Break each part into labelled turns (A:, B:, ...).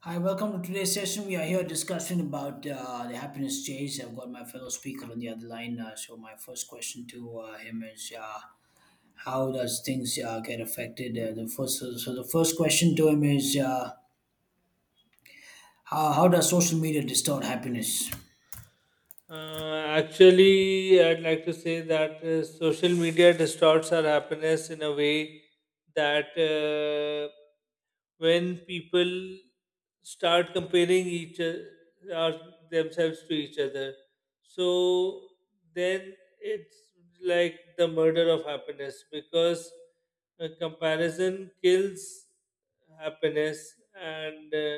A: Hi, welcome to today's session. We are here discussing about the happiness chase. I've got my fellow speaker on the other line. So my first question to him is, how does things get affected? The first question to him is, how does social media distort happiness?
B: Actually, I'd like to say that social media distorts our happiness in a way that when people start comparing each other, themselves to each other, so then it's like the murder of happiness because comparison kills happiness, and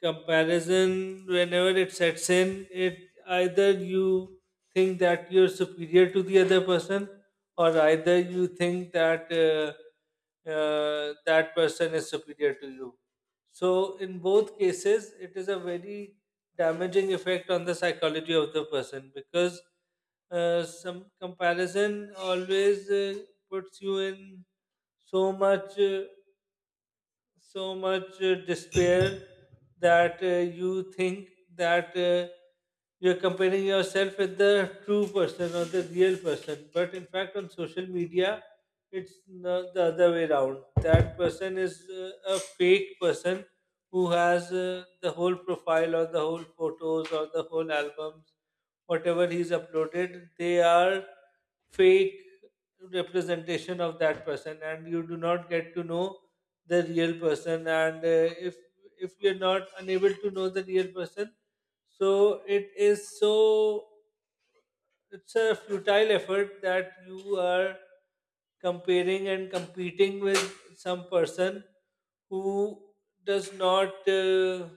B: comparison whenever it sets in, it either you think that you're superior to the other person, or either you think that that person is superior to you. So in both cases it is a very damaging effect on the psychology of the person because some comparison always puts you in so much uh, so much despair that you think that you're comparing yourself with the true person or the real person. But in fact, on social media, it's the other way around. That person is a fake person who has the whole profile or the whole photos or the whole albums, whatever he's uploaded, they are fake representation of that person, and you do not get to know the real person. And If we're not unable to know the real person, so it is so it's a futile effort that you are comparing and competing with some person who does not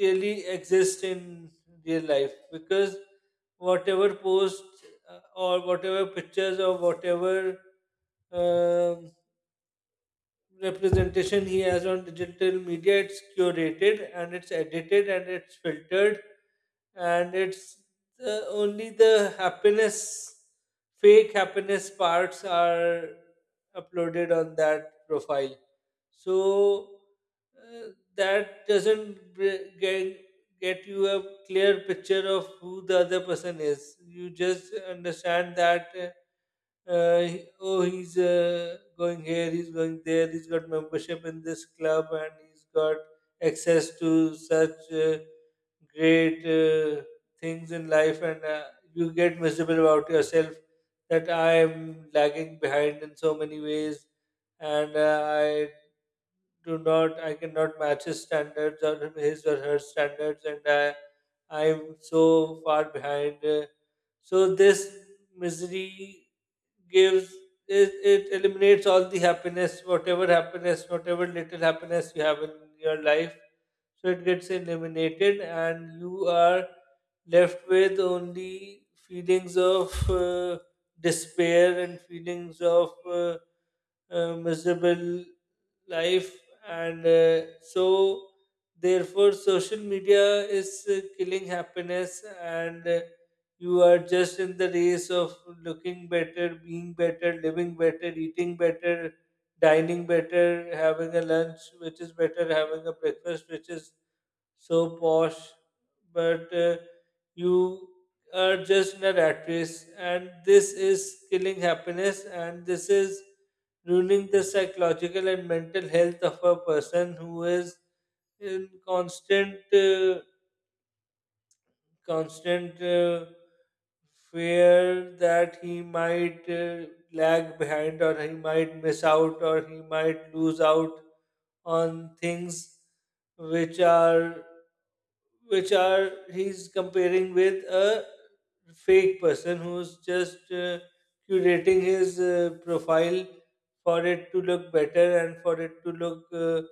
B: really exist in real life, because whatever post or whatever pictures or whatever um, representation he has on digital media, it's curated and it's edited and it's filtered, and it's only the happiness fake happiness parts are uploaded on that profile. So uh, that doesn't get you a clear picture of who the other person is. You just understand that uh, oh, he's going here, he's going there, he's got membership in this club, and he's got access to such great things in life, and you get miserable about yourself, that I am lagging behind in so many ways, and I do not I cannot match his standards or his or her standards, and I'm so far behind. So this misery gives it eliminates all the happiness, whatever little happiness you have in your life. So it gets eliminated, and you are left with only feelings of despair, and feelings of miserable life. And so therefore social media is killing happiness, and you are just in the race of looking better, being better, living better, eating better, dining better, having a lunch which is better, having a breakfast which is so posh, but you are just an actress, and this is killing happiness, and this is ruining the psychological and mental health of a person who is in constant fear that he might lag behind, or he might miss out, or he might lose out on things which are he's comparing with a fake person who's just curating his profile for it to look better, and for it to look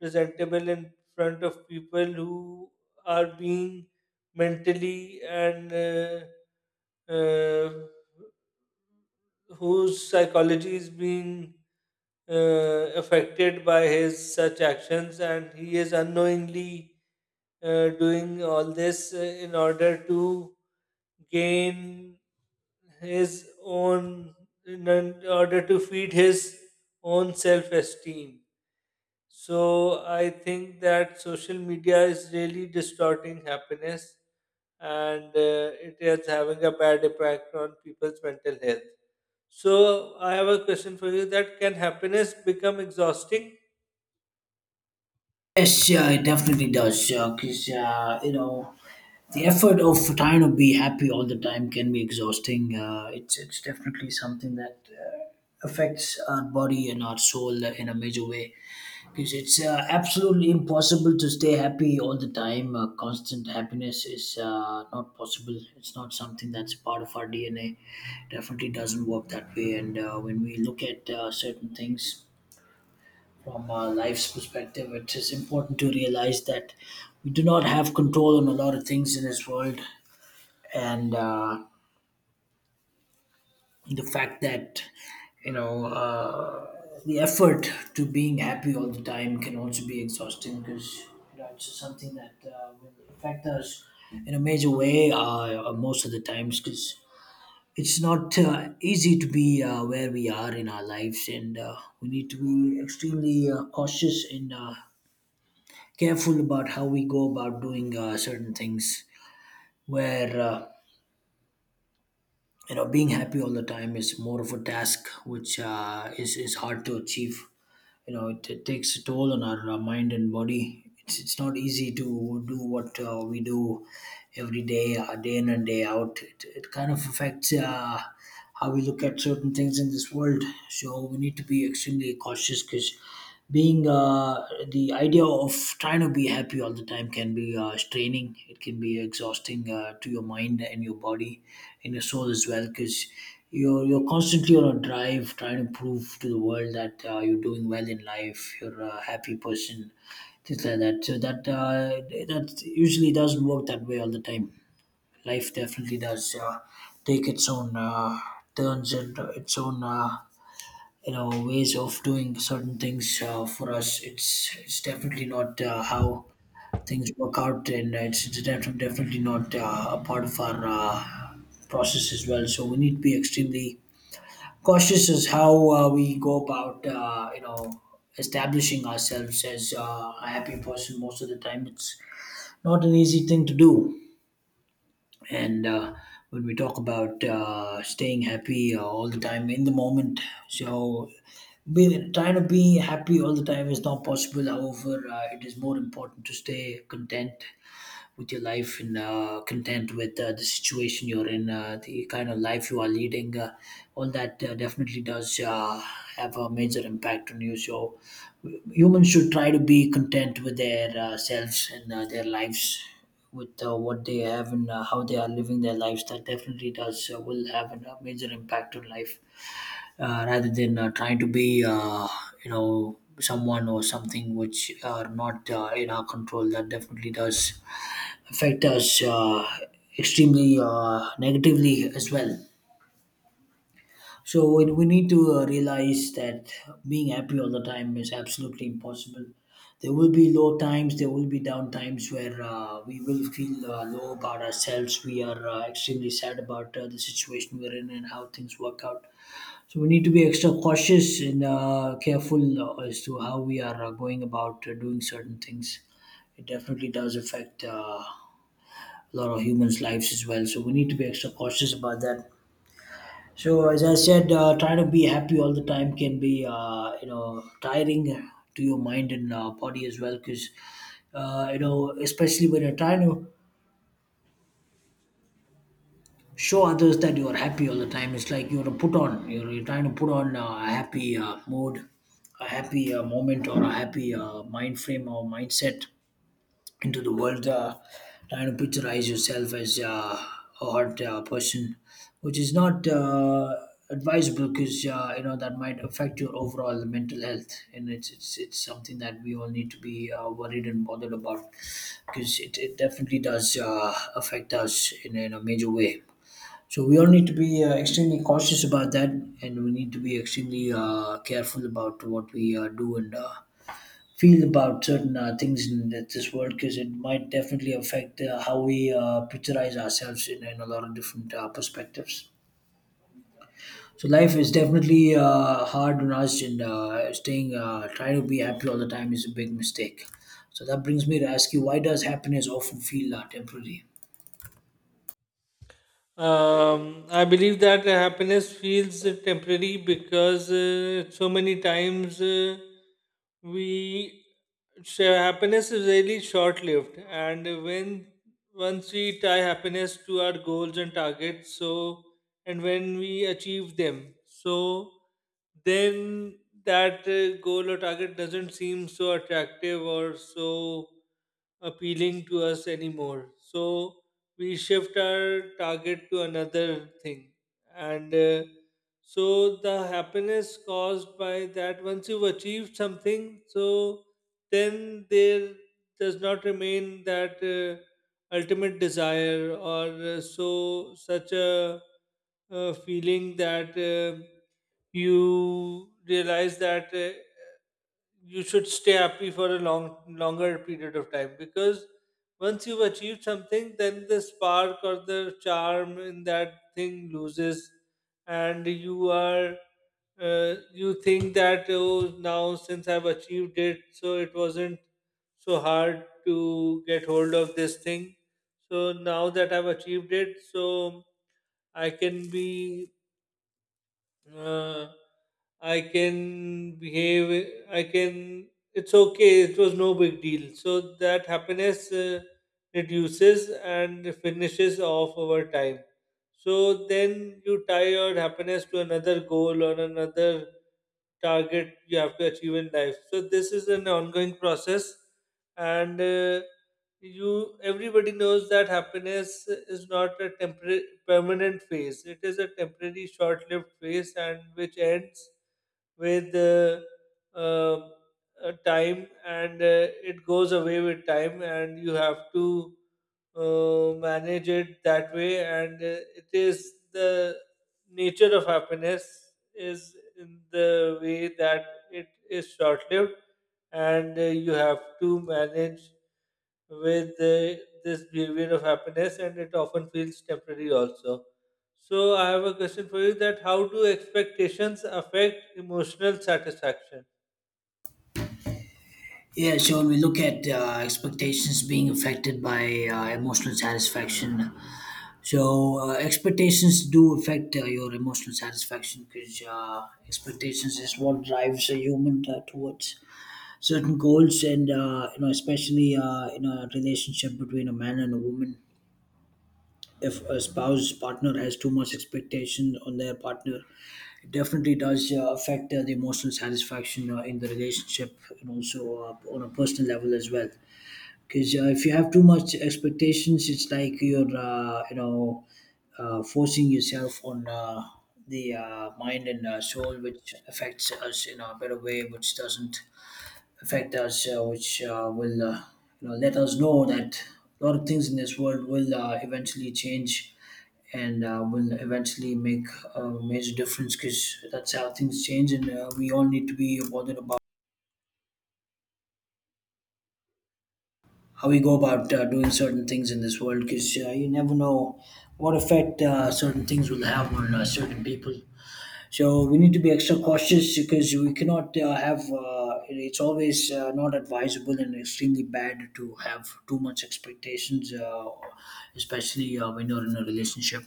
B: presentable in front of people who are being mentally and uh, whose psychology is being affected by his such actions, and he is unknowingly doing all this in order to gain his own, in order to feed his own self esteem. So I think that social media is really distorting happiness, and it is having a bad impact on people's mental health. So I have a question for you, that can happiness become exhausting?
A: Yes, yeah, it definitely does. Because the effort of trying to be happy all the time can be exhausting. It's definitely something that affects our body and our soul in a major way. Because it's absolutely impossible to stay happy all the time. Constant happiness is not possible. It's not something that's part of our DNA. Definitely doesn't work that way. And when we look at certain things from our life's perspective, it is important to realize that we do not have control on a lot of things in this world. And the fact that you know uh, the effort to being happy all the time can also be exhausting because you know it's something that will affect us in a major way, most of the times, because it's not easy to be where we are in our lives, and we need to be extremely cautious and careful about how we go about doing certain things where being happy all the time is more of a task which is hard to achieve. You know, it takes a toll on our mind and body. It's not easy to do what we do every day, day in and day out. It kind of affects how we look at certain things in this world, so we need to be extremely cautious because being the idea of trying to be happy all the time can be straining. It can be exhausting to your mind and your body and your soul as well, because you're constantly on a drive trying to prove to the world that you're doing well in life, you're a happy person, things like that. So that that usually doesn't work that way all the time. Life definitely does take its own turns, and its own ways of doing certain things for us. It's definitely not how things work out, and it's definitely not a part of our process as well. So we need to be extremely cautious as how we go about, establishing ourselves as a happy person most of the time. It's not an easy thing to do. And when we talk about staying happy all the time in the moment, so trying to be happy all the time is not possible. However, it is more important to stay content with your life, and content with the situation you're in, the kind of life you are leading. All that definitely does have a major impact on you. So humans should try to be content with their selves and their lives. With what they have and how they are living their lives. That definitely does a major impact on life, rather than trying to be someone or something which are not in our control. That definitely does affect us extremely negatively as well. So we need to realize that being happy all the time is absolutely impossible. There will be low times, there will be down times where we will feel low about ourselves. We are extremely sad about the situation we're in and how things work out. So we need to be extra cautious and careful as to how we are going about doing certain things. It definitely does affect. A lot of humans' lives as well. So we need to be extra cautious about that. So as I said, trying to be happy all the time can be tiring to your mind and body as well, because especially when you're trying to show others that you are happy all the time, it's like you're a put on. You're trying to put on a happy mood, a happy moment, or a happy mind frame or mindset into the world, trying to picturize yourself as a hot person, which is not advisable, because that might affect your overall mental health, and it's something that we all need to be worried and bothered about, because it definitely does affect us in a major way. So we all need to be extremely cautious about that, and we need to be extremely careful about what we do and feel about certain things in this world, because it might definitely affect how we picturize ourselves in a lot of different perspectives. So life is definitely hard on us, and staying trying to be happy all the time is a big mistake. So that brings me to ask you, why does happiness often feel temporary?
B: I believe that happiness feels temporary because so many times we so happiness is really short lived, and when once we tie happiness to our goals and targets, so and when we achieve them, so then that goal or target doesn't seem so attractive or so appealing to us anymore. So we shift our target to another thing, and so the happiness caused by that once you've achieved something, so then there does not remain that ultimate desire, or so such a, feeling that you realize that you should stay happy for a long longer period of time, because once you've achieved something, then the spark or the charm in that thing loses, and you are you think that oh, now since I've achieved it, so it wasn't so hard to get hold of this thing, so now that I've achieved it, so I can be uh, I can behave, I can, it's okay, it was no big deal. So that happiness reduces and finishes off over time. So then you tie your happiness to another goal or another target you have to achieve in life. So this is an ongoing process, and you everybody knows that happiness is not a temporary permanent phase. It is a temporary, short-lived phase, and which ends with uh, time, and it goes away with time, and you have to manage it that way, and it is the nature of happiness is in the way that it is short lived, and you have to manage with this behavior of happiness, and it often feels temporary also. So I have a question for you, that how do expectations affect emotional satisfaction?
A: Yeah, so when we look at expectations being affected by emotional satisfaction, so expectations do affect your emotional satisfaction, because expectations is what drives a human towards certain goals, and especially in a relationship between a man and a woman. If a spouse partner has too much expectation on their partner, it definitely does affect the emotional satisfaction in the relationship, and also on a personal level as well, because if you have too much expectations, it's like you're, forcing yourself on the mind and soul, which affects us in a better way, which doesn't affect us, which will you know let us know that a lot of things in this world will eventually change, and will eventually make a major difference, because that's how things change, and we all need to be bothered about how we go about doing certain things in this world, because you never know what effect certain things will have on certain people. So we need to be extra cautious because we cannot have. It's always not advisable and extremely bad to have too much expectations, especially when you're in a relationship.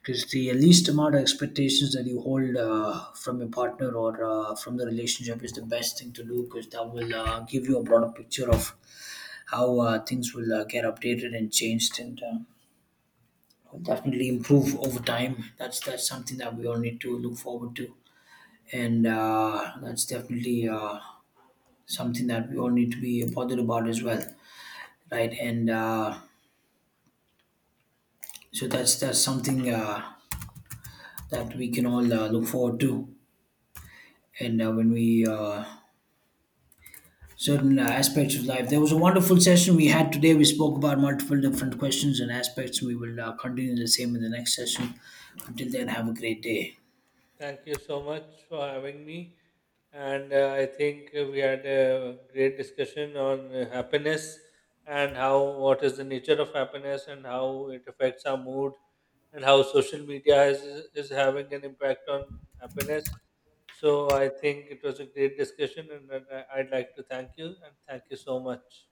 A: Because the least amount of expectations that you hold from your partner or from the relationship is the best thing to do, because that will give you a broader picture of how things will get updated and changed, and will definitely improve over time. That's something that we all need to look forward to, and that's definitely something that we all need to be bothered about as well, right? And so that's something that we can all look forward to. And when we certain aspects of life. There was a wonderful session we had today. We spoke about multiple different questions and aspects. We will continue the same in the next session. Until then, have a great day.
B: Thank you so much for having me. And I think we had a great discussion on happiness, and how what is the nature of happiness, and how it affects our mood, and how social media has is having an impact on happiness. So I think it was a great discussion, and then I'd like to thank you, and thank you so much.